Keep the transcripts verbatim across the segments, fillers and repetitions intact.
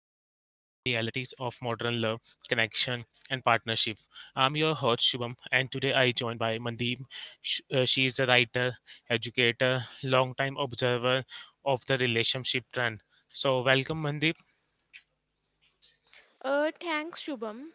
of modern love, connection, and partnership. I'm your host Shubham, and today I joined by Mandeep. Sh- uh, She is a writer, educator, long-time observer of the relationship trend. So, welcome, Mandeep. Uh, thanks, Shubham.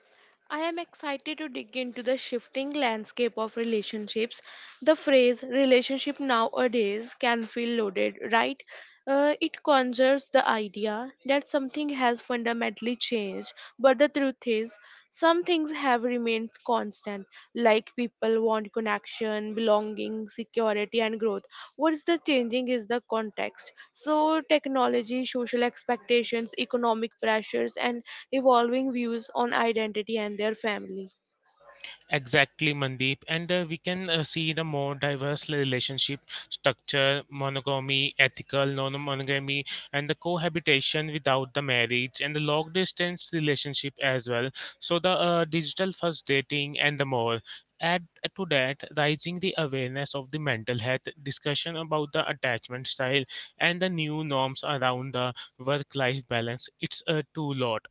I am excited to dig into the shifting landscape of relationships. The phrase relationship nowadays can feel loaded, right? Uh, it conjures the idea that something has fundamentally changed, but the truth is, some things have remained constant, like people want connection, belonging, security, and growth. What's the changing is the context. So, technology, social expectations, economic pressures, and evolving views on identity and their family. Exactly, Mandeep. And uh, we can uh, see the more diverse relationship structure, monogamy, ethical, non monogamy, and the cohabitation without the marriage, and the long distance relationship as well. So, the uh, digital first dating and the more. Add to that, rising the awareness of the mental health, discussion about the attachment style, and the new norms around the work life balance. It's a too lot.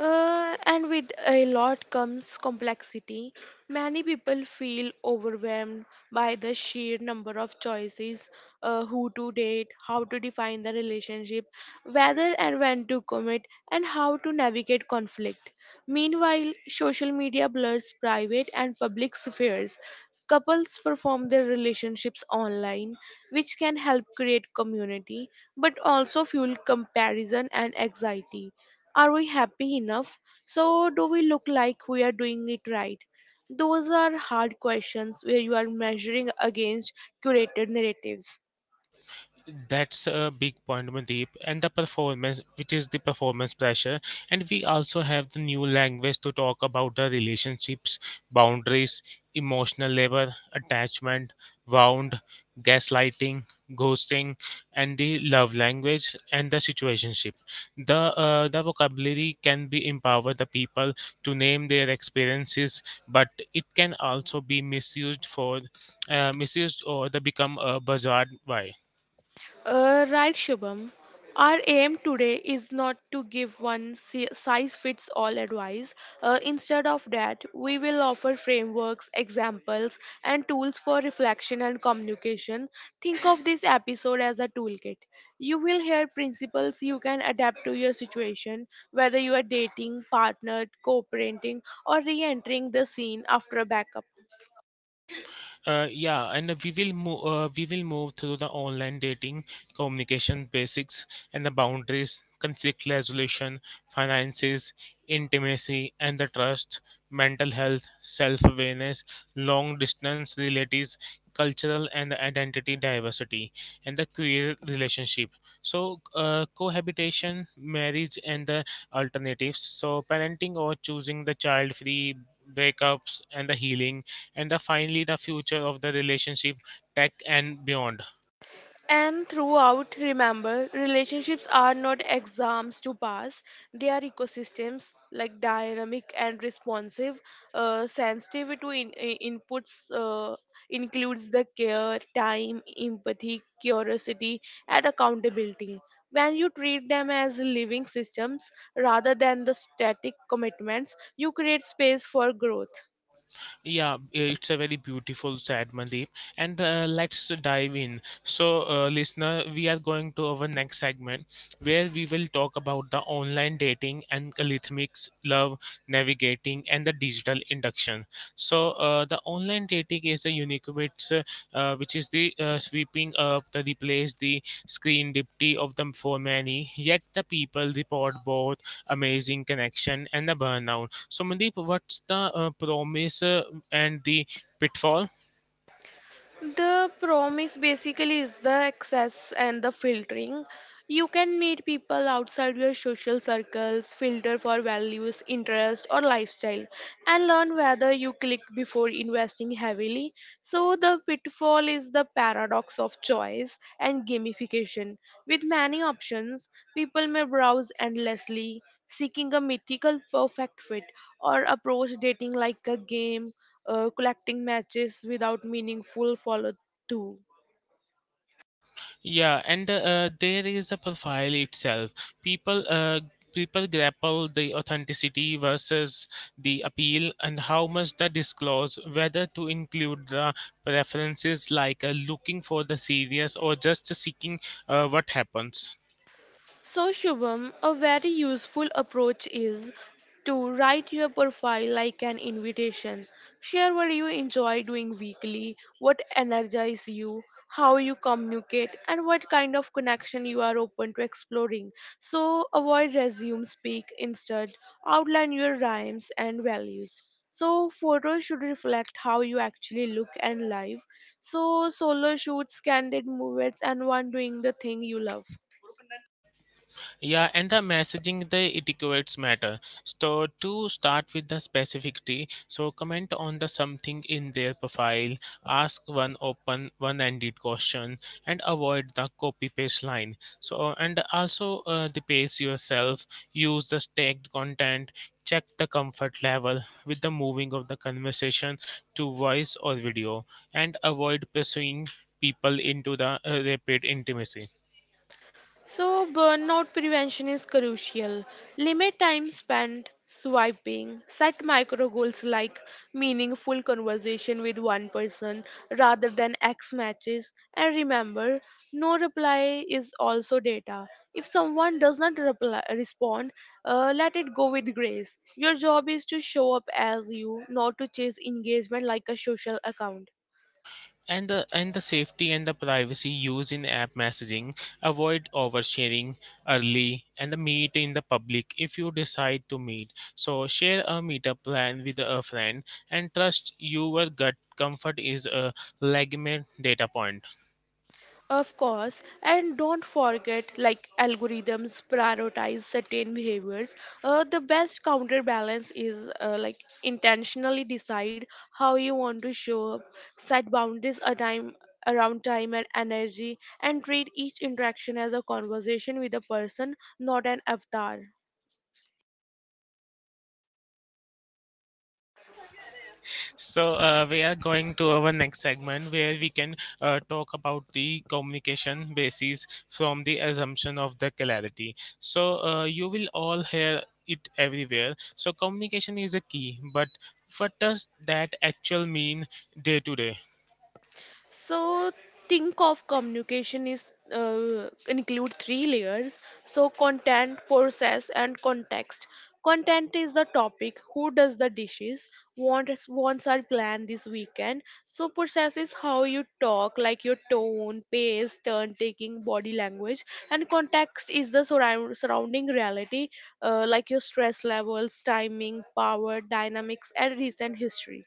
Uh, and with a lot comes complexity. Many people feel overwhelmed by the sheer number of choices, uh, who to date, how to define the relationship, whether and when to commit, and how to navigate conflict. Meanwhile, social media blurs private and public spheres. Couples perform their relationships online, which can help create community but also fuel comparison and anxiety. Are we happy enough? So, do we look like we are doing it right? Those are hard questions where you are measuring against curated narratives. That's a big point, Mandeep, and the performance, which is the performance pressure, and we also have the new language to talk about the relationships, boundaries, emotional labor, attachment wound, gaslighting, ghosting, and the love language, and the situationship. The uh, the vocabulary can be empower the people to name their experiences, but it can also be misused for uh, misused or the become a buzzword why. Uh, right, Shubham. Our aim today is not to give one si- size fits all advice. Uh, instead of that, we will offer frameworks, examples, and tools for reflection and communication. Think of this episode as a toolkit. You will hear principles you can adapt to your situation, whether you are dating, partnered, co parenting, or re entering the scene after a backup. Uh, yeah, and uh, we will move. Uh, we will move through the online dating, communication basics, and the boundaries, conflict resolution, finances, intimacy, and the trust, mental health, self-awareness, long-distance relatives, cultural and identity diversity, and the queer relationship. So, uh, cohabitation, marriage, and the alternatives. So, parenting or choosing the child-free, breakups and the healing, and the, finally the future of the relationship, tech and beyond. And throughout, remember, relationships are not exams to pass. They are ecosystems like dynamic and responsive, uh, sensitive to in, i- inputs, uh, includes the care, time, empathy, curiosity, and accountability. When you treat them as living systems rather than the static commitments, you create space for growth. Yeah, it's a very beautiful sad, Mandeep. And uh, let's dive in. So, uh, listener, we are going to our next segment where we will talk about the online dating and algorithmics, love, navigating, and the digital induction. So, uh, the online dating is a unique which, uh, uh, which is the uh, sweeping up the replace the screen dipty of them for many. Yet the people report both amazing connection and the burnout. So, Mandeep, what's the uh, promise uh, and the pitfall? The promise basically is the access and the filtering. You can meet people outside your social circles, filter for values, interest, or lifestyle, and learn whether you click before investing heavily. So, the pitfall is the paradox of choice and gamification. With many options, people may browse endlessly, seeking a mythical perfect fit, or approach dating like a game, uh, collecting matches without meaningful follow through. Yeah, and uh, uh, there is the profile itself. People, uh, people grapple the authenticity versus the appeal, and how much the disclose, whether to include the preferences like uh, looking for the serious or just seeking uh, what happens. So, Shubham, a very useful approach is to write your profile like an invitation. Share what you enjoy doing weekly, what energizes you, how you communicate, and what kind of connection you are open to exploring. So, avoid resume speak, instead, outline your rhymes and values. So, photos should reflect how you actually look and live. So, solo shoots, candid movements, and one doing the thing you love. Yeah, and the messaging, the etiquettes matter. So to start with the specificity, so comment on the something in their profile, ask one open, one-ended question, and avoid the copy paste line. So and also uh, the pace yourself, use the stacked content, check the comfort level with the moving of the conversation to voice or video, and avoid pursuing people into the uh, rapid intimacy. So, burnout prevention is crucial. Limit time spent swiping. Set micro goals like meaningful conversation with one person rather than X matches. And remember, no reply is also data. If someone does not reply, respond, uh, let it go with grace. Your job is to show up as you, not to chase engagement like a social account. and the and the safety and the privacy used in app messaging, avoid oversharing early, and the meet in the public. If you decide to meet, so share a meetup plan with a friend, and trust your gut. Comfort is a legitimate data point. Of course, and don't forget, like algorithms prioritize certain behaviors. Uh, the best counterbalance is, uh, like, intentionally decide how you want to show up, set boundaries a time around time and energy, and treat each interaction as a conversation with a person, not an avatar. So uh, we are going to our next segment where we can uh, talk about the communication basis from the assumption of the clarity. So uh, you will all hear it everywhere. So communication is a key, but what does that actual mean day to day? So think of communication is, uh, include three layers. So content, process, and context. Content is the topic. Who does the dishes? Wants wants our plan this weekend. So process is how you talk, like your tone, pace, turn taking, body language, and context is the surround, surrounding reality, uh, like your stress levels, timing, power, dynamics, and recent history.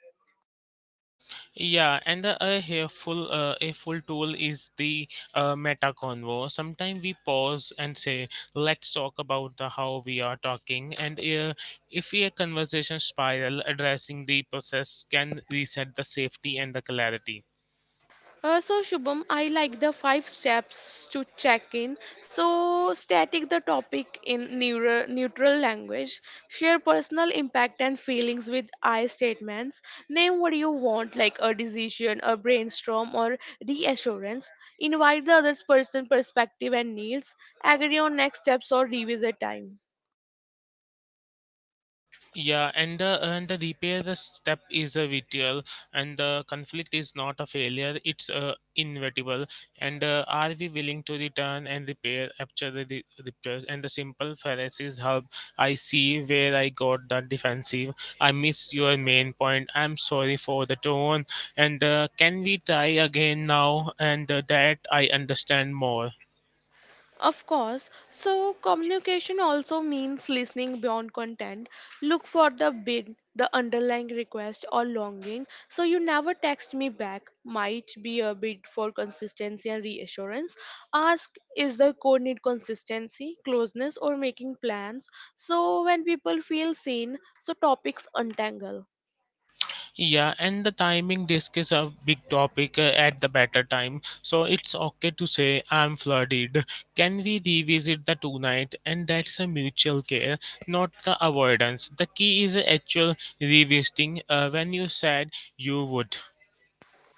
Yeah, and the a helpful uh, a full tool is the uh, meta convo. Sometimes we pause and say, "Let's talk about the how we are talking," and uh, if a conversation spiral, addressing the process can reset the safety and the clarity. Uh, so Shubham, I like the five steps to check in. So static the topic in neutral, neutral language. Share personal impact and feelings with I statements. Name what you want, like a decision, a brainstorm, or reassurance. Invite the other person's perspective and needs. Agree on next steps or revisit time. Yeah, and the and the repair the step is a vital, and the conflict is not a failure; it's uh, inevitable. And uh, are we willing to return and repair after the re- repairs? And the simple phrases help. I see where I got the defensive. I missed your main point. I'm sorry for the tone. And uh, can we try again now? And uh, that I understand more. Of course. So communication also means listening beyond content. Look for the bid, the underlying request or longing. So you never text me back. Might be a bid for consistency and reassurance. Ask is the code need consistency, closeness or making plans. So when people feel seen, so topics untangle. Yeah, and the timing disk is a big topic uh, at the better time. So it's okay to say I'm flooded. Can we revisit the tonight? And that's a mutual care, not the avoidance. The key is actual revisiting. Uh, when you said you would.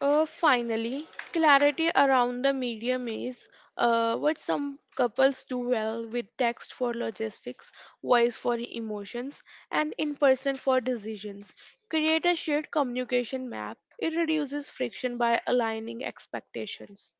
Uh, finally, clarity around the medium is, uh, what some couples do well with text for logistics, voice for emotions, and in person for decisions. Create a shared communication map. It reduces friction by aligning expectations.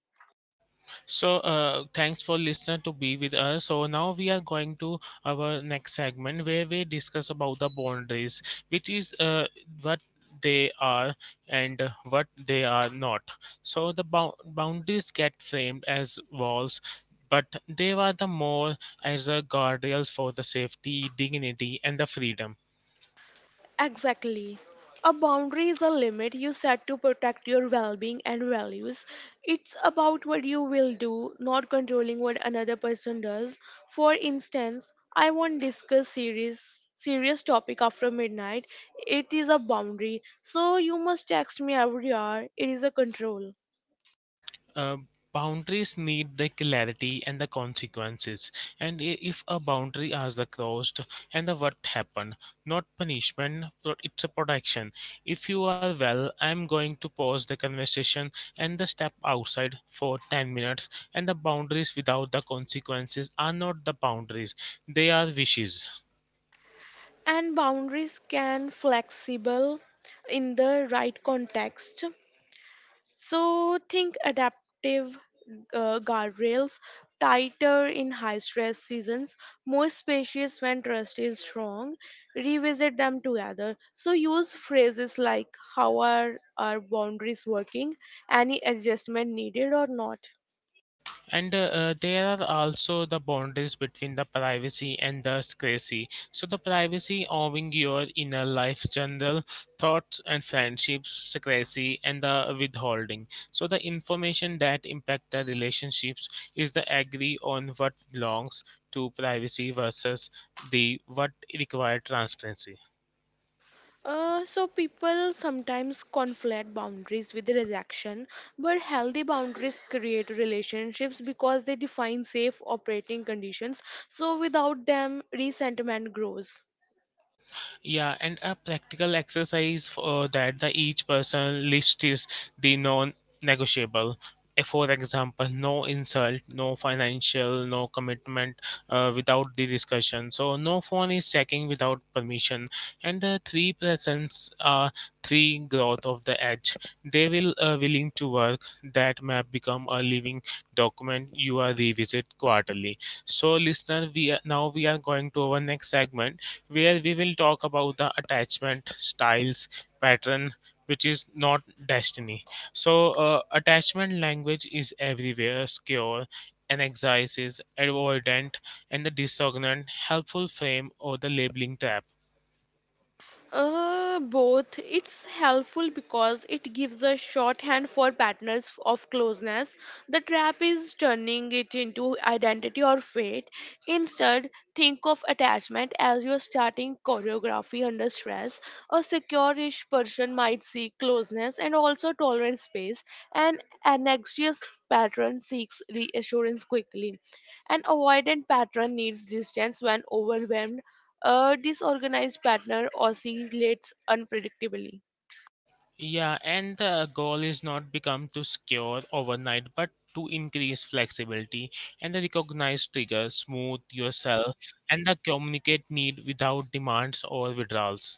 So, uh, thanks for listener to be with us. So now we are going to our next segment where we discuss about the boundaries, which is uh, what they are and what they are not. So the bou- boundaries get framed as walls. But they are the more as a guardrails for the safety, dignity, and the freedom. Exactly. A boundary is a limit you set to protect your well being and values. It's about what you will do, not controlling what another person does. For instance, I won't discuss serious serious topic after midnight. It is a boundary. So you must text me every hour. It is a control. uh, Boundaries need the clarity and the consequences, and i- if a boundary is crossed and the what happened, not punishment but it's a protection. If you are well, I'm going to pause the conversation and the step outside for ten minutes. And the boundaries without the consequences are not the boundaries; they are wishes. And boundaries can flexible in the right context. So think adaptive uh, guardrails, tighter in high stress seasons, more spacious when trust is strong. Revisit them together. So use phrases like how are our boundaries working, any adjustment needed or not. And uh, uh, There are also the boundaries between the privacy and the secrecy. So the privacy owing your inner life general thoughts and friendships, secrecy and the withholding, so the information that impact the relationships, is the agree on what belongs to privacy versus the what required transparency. Uh, so people sometimes conflate boundaries with rejection, but healthy boundaries create relationships because they define safe operating conditions. So without them, resentment grows. Yeah, and a practical exercise for that the each person list is the non-negotiable. Uh, For example, no insult, no financial, no commitment uh, without the discussion. So no phone is checking without permission, and the three presents are three growth of the edge. They will uh, willing to work. That map become a living document you are revisit quarterly. So listener, we are, now we are going to our next segment where we will talk about the attachment styles pattern, which is not destiny. So uh, attachment language is everywhere: secure, anxieties, avoidant, and the dissonant. Helpful frame or the labeling trap? Uh, both. It's helpful because it gives a shorthand for patterns of closeness. The trap is turning it into identity or fate. Instead, think of attachment as your starting choreography under stress. A secure-ish person might seek closeness and also tolerant space. And An anxious pattern seeks reassurance quickly. An avoidant pattern needs distance when overwhelmed. A disorganized partner oscillates unpredictably. Yeah, and the goal is not become to secure overnight but to increase flexibility, and the recognize trigger, smooth yourself, and the communicate need without demands or withdrawals.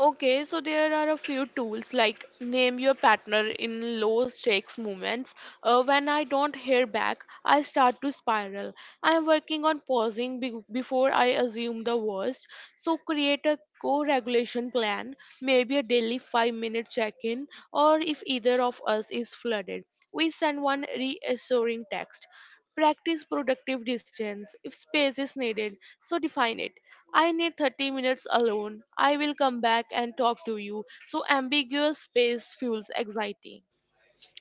Okay, so there are a few tools like name your partner in low stakes moments. Uh, when I don't hear back, I start to spiral. I am working on pausing be- before I assume the worst. So create a co-regulation plan, maybe a daily five minute check-in or if either of us is flooded, we send one reassuring text. Practice productive distance if space is needed, so define it. I need thirty minutes alone. I will come back and talk to you. So ambiguous space fuels anxiety.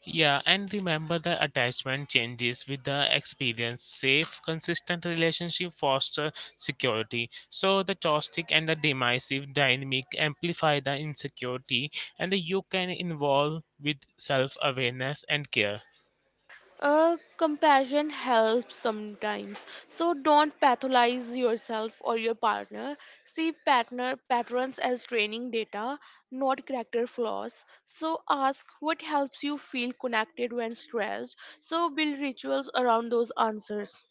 Yeah, and remember the attachment changes with the experience. Safe, consistent relationship foster security. So the toxic and the divisive dynamic amplify the insecurity, and you can involve with self-awareness and care. Uh, compassion helps sometimes. So don't pathologize yourself or your partner. See partner patterns as training data, not character flaws. So ask what helps you feel connected when stressed. So build rituals around those answers.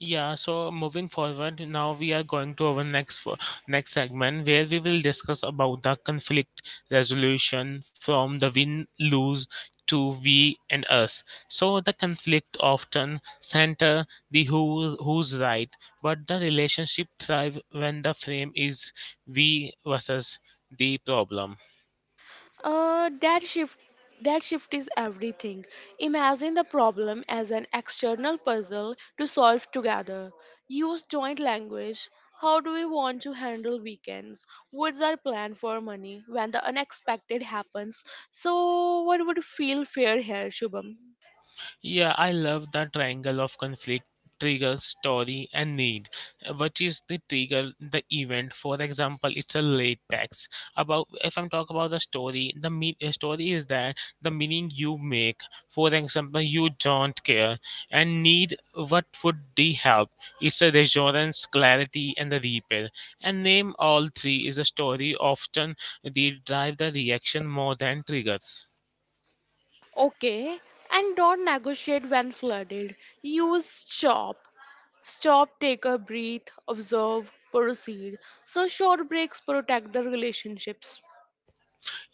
Yeah, so moving forward, now we are going to our next fo- next segment where we will discuss about the conflict resolution from the win lose to we and us. So the conflict often center the who who's right, but the relationship thrive when the frame is we versus the problem. Uh, that shift that shift is everything. Imagine the problem as an external puzzle to solve together. Use joint language. How do we want to handle weekends? What's our plan for money when the unexpected happens? So, what would feel fair here, Shubham? Yeah, I love the triangle of conflict, trigger, story, and need. Which is the trigger, the event. For example, it's a late text. About if I'm talking about the story, the me- uh, story is that the meaning you make. For example, you don't care, and need what would the help. It's a reassurance, clarity, and the repair. And name all three is a story. Often they drive the reaction more than triggers. Okay, and don't negotiate when flooded. Use stop. Stop, take a breath, observe, proceed. So, short breaks protect the relationships.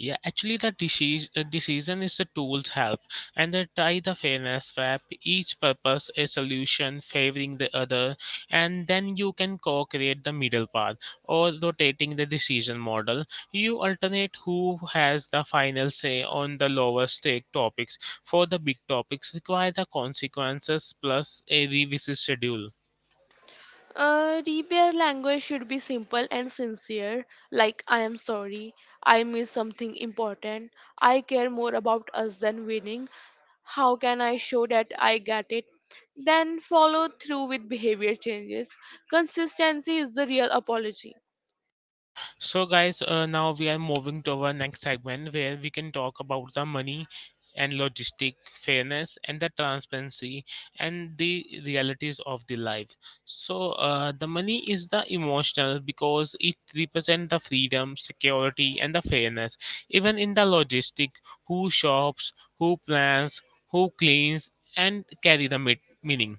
Yeah, actually, the decision, decision is the tool's help, and they tie the fairness wrap. Each purpose a solution favoring the other, and then you can co-create the middle path or rotating the decision model. You alternate who has the final say on the lower stake topics. For the big topics, require the consequences plus a revisit schedule. Uh, repair language should be simple and sincere, like I am sorry, I missed something important, I care more about us than winning. How can I show that I get it? Then follow through with behavior changes. Consistency is the real apology. So, guys, uh, now we are moving to our next segment where we can talk about the money and logistic fairness and the transparency and the realities of the life. So uh, the money is the emotional because it represents the freedom, security, and the fairness, even in the logistic. Who shops, who plans, who cleans, and carry the mit- meaning.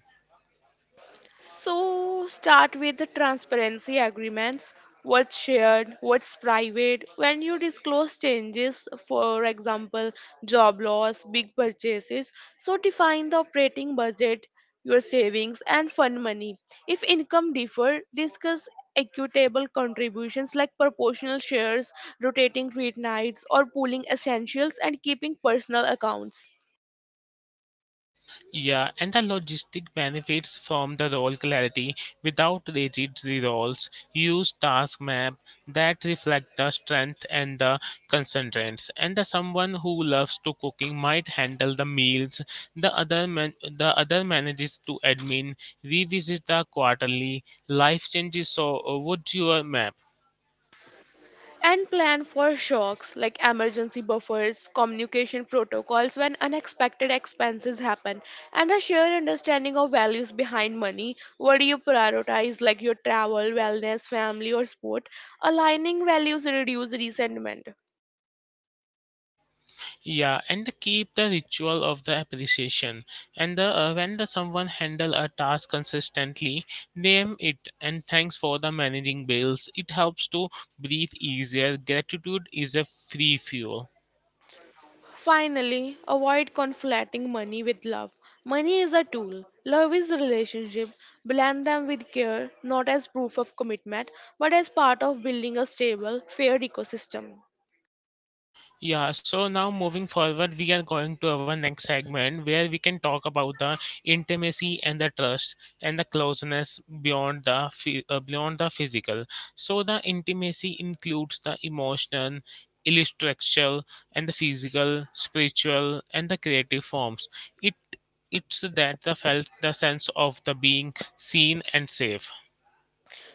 So start with the transparency agreements. What's shared, what's private. When you disclose changes, for example, job loss, big purchases, so define the operating budget, your savings, and fund money. If income differ, discuss equitable contributions like proportional shares, rotating treat nights, or pooling essentials and keeping personal accounts. Yeah, and the logistic benefits from the role clarity without rigid roles. Use task map that reflect the strength and the concentrates. And the someone who loves to cooking might handle the meals. The other man, the other manages to admin. Revisit the quarterly life changes. So, uh, would your map? And plan for shocks like emergency buffers, communication protocols when unexpected expenses happen, and a shared understanding of values behind money. What do you prioritize, like your travel, wellness, family, or sport? Aligning values reduce resentment. Yeah, and they keep the ritual of the appreciation. And the, uh, when the someone handle a task consistently, name it and thanks for the managing bills. It helps to breathe easier. Gratitude is a free fuel. Finally, avoid conflating money with love. Money is a tool. Love is a relationship. Blend them with care, not as proof of commitment, but as part of building a stable, fair ecosystem. Yeah, so now moving forward, we are going to our next segment where we can talk about the intimacy and the trust and the closeness beyond the phy- uh, beyond the physical. So the intimacy includes the emotional, intellectual, and the physical, spiritual, and the creative forms. It it's that the felt the sense of the being seen and safe.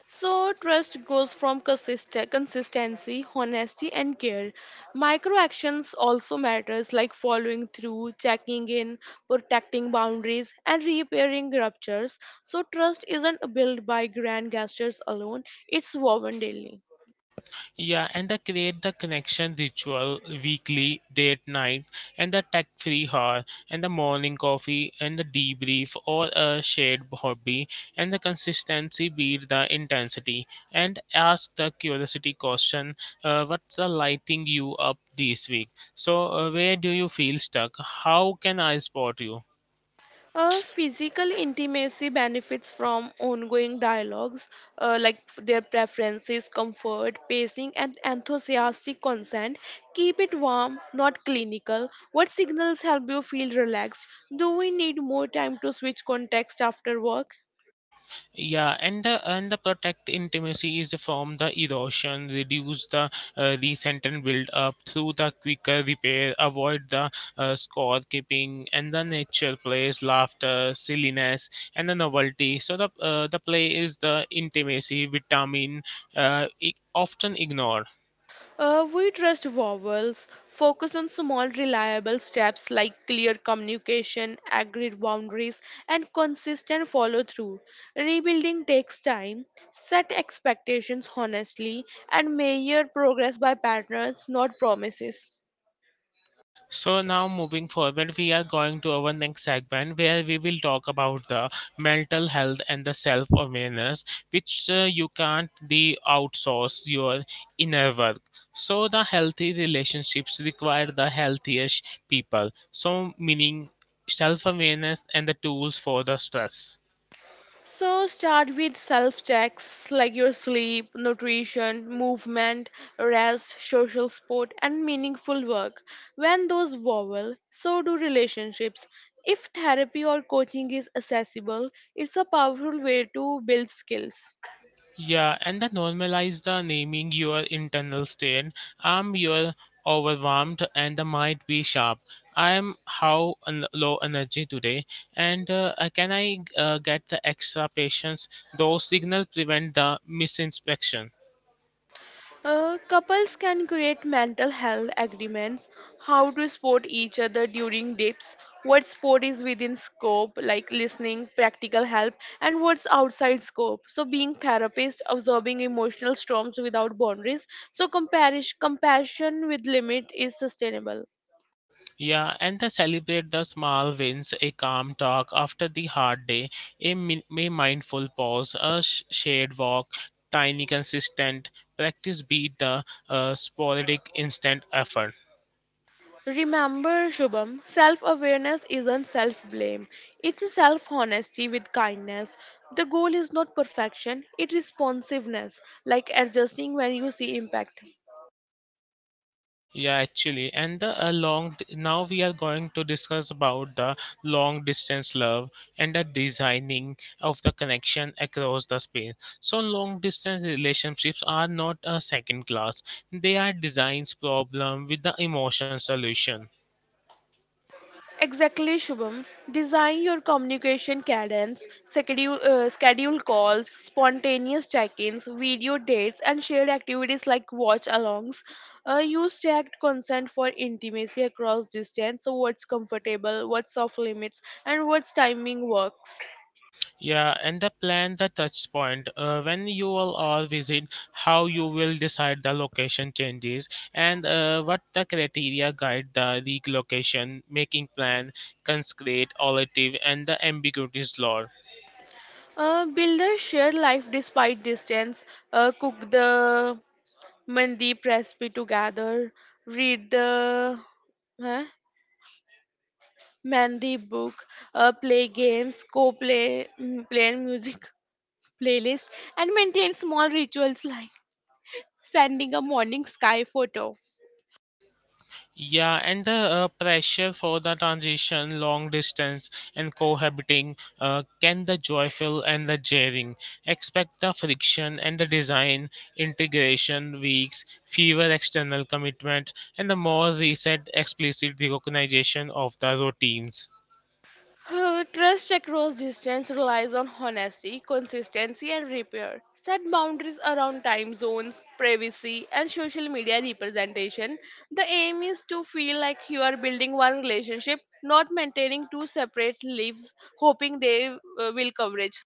So, trust goes from consist- consistency, honesty, and care. Micro actions also matters like following through, checking in, protecting boundaries, and repairing ruptures. So, trust isn't built by grand gestures alone; it's woven daily. Yeah, and the create the connection ritual weekly, date night, and the tech free hour, and the morning coffee, and the debrief or a shared hobby, and the consistency beat the intensity, and ask the curiosity question, uh, what's the lighting you up this week? So, uh, where do you feel stuck? How can I support you? Uh, physical intimacy benefits from ongoing dialogues, uh, like f- their preferences, comfort, pacing, and enthusiastic consent. Keep it warm, not clinical. What signals help you feel relaxed? Do we need more time to switch context after work? Yeah, and the and the protect intimacy is from the erosion, reduce the uh, recent and build up through the quicker repair, avoid the uh, score keeping, and the nature plays laughter, silliness, and the novelty. So the uh, the play is the intimacy vitamin, uh, i- often ignored. Uh, we trust vowels, focus on small reliable steps like clear communication, agreed boundaries, and consistent follow through. Rebuilding takes time. Set expectations honestly and measure progress by patterns, not promises. So now moving forward, we are going to our next segment where we will talk about the mental health and the self-awareness, which uh, you can't the outsource your inner work. So the healthy relationships require the healthiest people. So meaning self-awareness and the tools for the stress. So start with self checks like your sleep, nutrition, movement, rest, social support, and meaningful work. When those wobble, so do relationships. If therapy or coaching is accessible, it's a powerful way to build skills. Yeah, and then normalize the naming your internal state. I'm your overwhelmed and the might be sharp. I'm how un- low energy today, and uh, uh, can I uh, get the extra patience? Those signal prevent the misinspection. Uh, couples can create mental health agreements, how to support each other during dips, what sport is within scope, like listening, practical help, and what's outside scope. So being therapist, absorbing emotional storms without boundaries. So comparish, compassion with limit is sustainable. Yeah, and the celebrate the small wins, a calm talk after the hard day, a, min- a mindful pause, a sh- shade walk, tiny consistent practice beat the uh, sporadic instant effort. Remember, Shubham, self awareness isn't self blame, it's self honesty with kindness. The goal is not perfection, it's responsiveness, like adjusting when you see impact. Yeah, actually, and the uh, long. Now we are going to discuss about the long distance love and the designing of the connection across the space. So long distance relationships are not a second class; they are designs problem with the emotion solution. Exactly, Shubham. Design your communication cadence, schedule, uh, schedule calls, spontaneous check ins, video dates, and shared activities like watch alongs. Uh, use checked consent for intimacy across distance, so what's comfortable, what's off limits, and what's timing works. Yeah, and the plan the touch point. Uh, when you all are visit, how you will decide the location changes and uh, what the criteria guide the relocation, making plan, consecrate, olative, and the ambiguities law. Uh, build a shared life despite distance, uh, cook the mandi recipe together, read the. Huh? Mandy book, uh, play games, co-play, mm, play and music playlist, and maintain small rituals like sending a morning sky photo. Yeah, and the uh, pressure for the transition, long distance, and cohabiting uh, can the joyful and the jarring. Expect the friction and the design, integration weeks, fewer external commitment, and the more recent explicit recognition of the routines. Uh, trust across distance relies on honesty, consistency, and repair. Set boundaries around time zones, privacy, and social media representation. The aim is to feel like you are building one relationship, not maintaining two separate lives, hoping they uh, will coverage.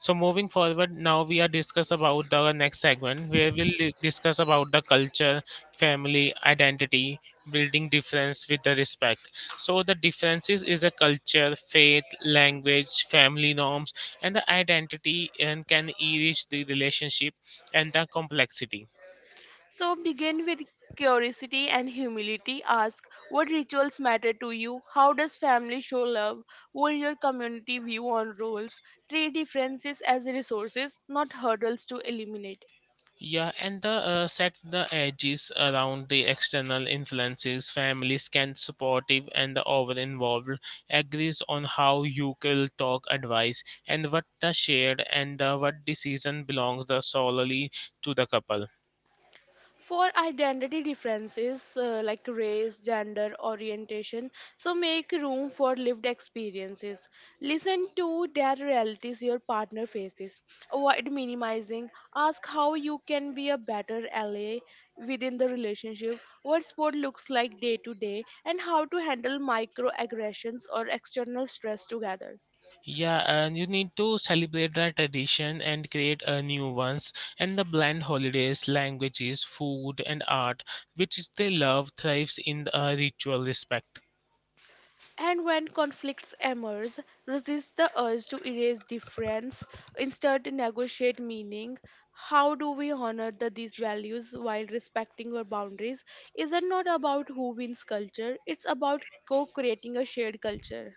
So moving forward, now we are discuss about the next segment where we'll li- discuss about the culture, family, identity, building difference with the respect. So the differences is a culture, faith, language, family norms, and the identity and can enrich the relationship and the complexity. So begin with curiosity and humility. Ask what rituals matter to you? How does family show love? What your community view on roles? Treat differences as resources, not hurdles to eliminate. Yeah, and the uh, set the edges around the external influences. Families can supportive and the over involved agrees on how you will talk advice and what the shared and the what decision belongs the solely to the couple. For identity differences, uh, like race, gender, orientation. So make room for lived experiences. Listen to their realities your partner faces. Avoid minimizing. Ask how you can be a better ally within the relationship, what sport looks like day to day, and how to handle microaggressions or external stress together. Yeah, and you need to celebrate the tradition and create a new ones and the blend holidays, languages, food and art, which is they love thrives in a ritual respect. And when conflicts emerge, resist the urge to erase difference, instead negotiate meaning. How do we honor the, these values while respecting our boundaries? Is it not about who wins culture? It's about co-creating a shared culture.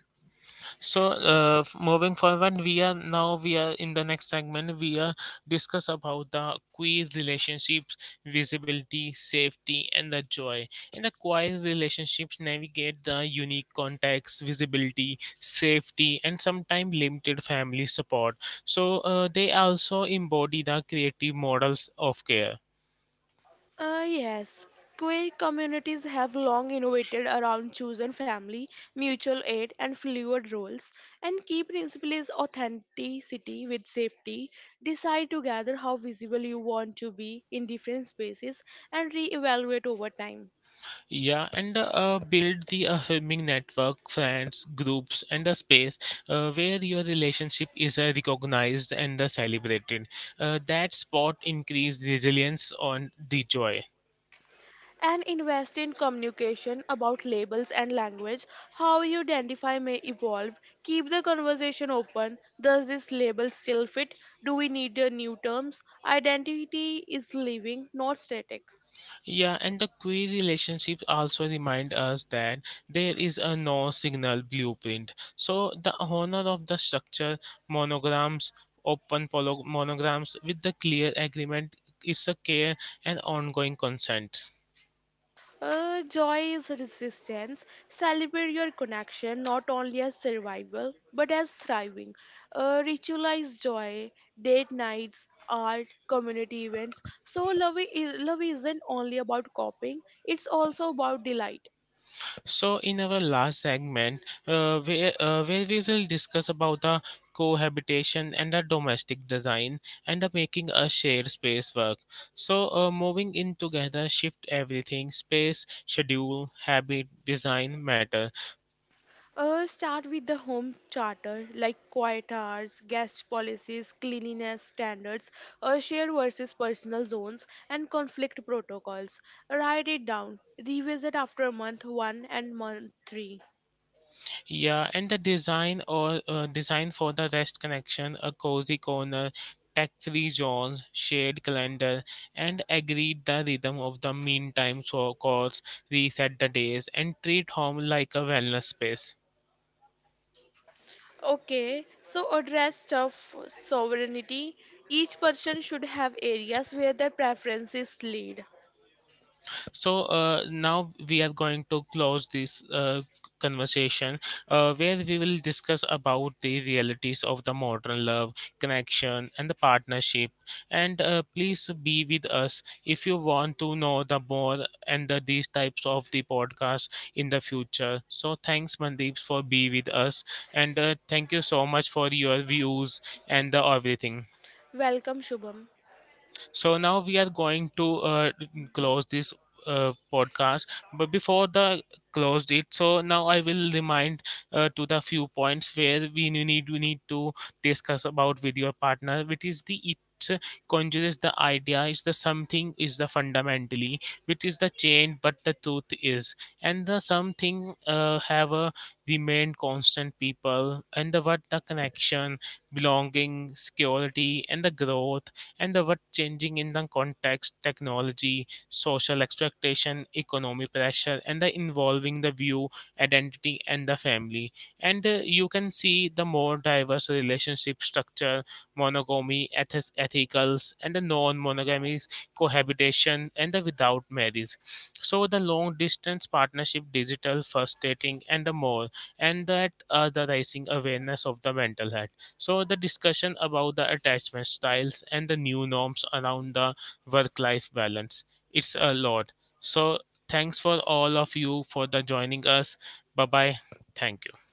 So uh, f- moving forward we are now we are in the next segment we are discuss about the queer relationships visibility safety and the joy in the queer relationships navigate the unique context visibility safety and sometimes limited family support, so uh, they also embody the creative models of care. Uh, yes, queer communities have long innovated around chosen family, mutual aid, and fluid roles, and key principle is authenticity with safety. Decide together how visible you want to be in different spaces and re-evaluate over time. Yeah, and uh, build the affirming network, friends, groups, and a space uh, where your relationship is uh, recognized and uh, celebrated. Uh, that spot increase resilience on the joy. And invest in communication about labels and language. How you identify may evolve. Keep the conversation open. Does this label still fit? Do we need a new terms? Identity is living, not static. Yeah, and the queer relationships also remind us that there is a no signal blueprint. So the honor of the structure, monograms, open polo- monograms with the clear agreement, it's a care and ongoing consent. Uh, joy is resistance. Celebrate your connection not only as survival but as thriving. Uh, ritualize joy, date nights, art, community events. So love, is, love isn't only about coping; it's also about delight. So, in our last segment, uh, where, uh, where we will discuss about the cohabitation and the domestic design and the making a shared space work. So, uh, moving in together shift everything. Space, schedule, habit, design matter. Uh, start with the home charter, like quiet hours, guest policies, cleanliness standards, uh, shared versus personal zones, and conflict protocols. Write it down. Revisit after month one and month three. Yeah, and the design or uh, design for the rest connection, a cozy corner, tech-free zones, shared calendar, and agreed the rhythm of the meantime so of course, reset the days, and treat home like a wellness space. Okay, so address of sovereignty. Each person should have areas where their preferences lead. So uh, now we are going to close this uh, conversation uh, where we will discuss about the realities of the modern love, connection, and the partnership. And uh, please be with us if you want to know the more and the, these types of the podcast in the future. So thanks, Mandeep, for be with us, and uh, thank you so much for your views and the everything. Welcome, Shubham. So now we are going to uh, close this uh, podcast. But before the closed it, so now I will remind uh, to the few points where we need we need to discuss about with your partner, which is the it conjures the idea is the something is the fundamentally which is the change but the truth is and the something uh, have a remained constant people and the what the connection belonging security and the growth and the what changing in the context technology social expectation economic pressure and the involving the view identity and the family and uh, you can see the more diverse relationship structure monogamy eth- ethicals and the non-monogamy cohabitation and the without marriage so the long distance partnership digital first dating and the more and that uh, the rising awareness of the mental health so, the discussion about the attachment styles and the new norms around the work life balance. It's a lot. So, thanks for all of you for the joining us. Bye bye. Thank you.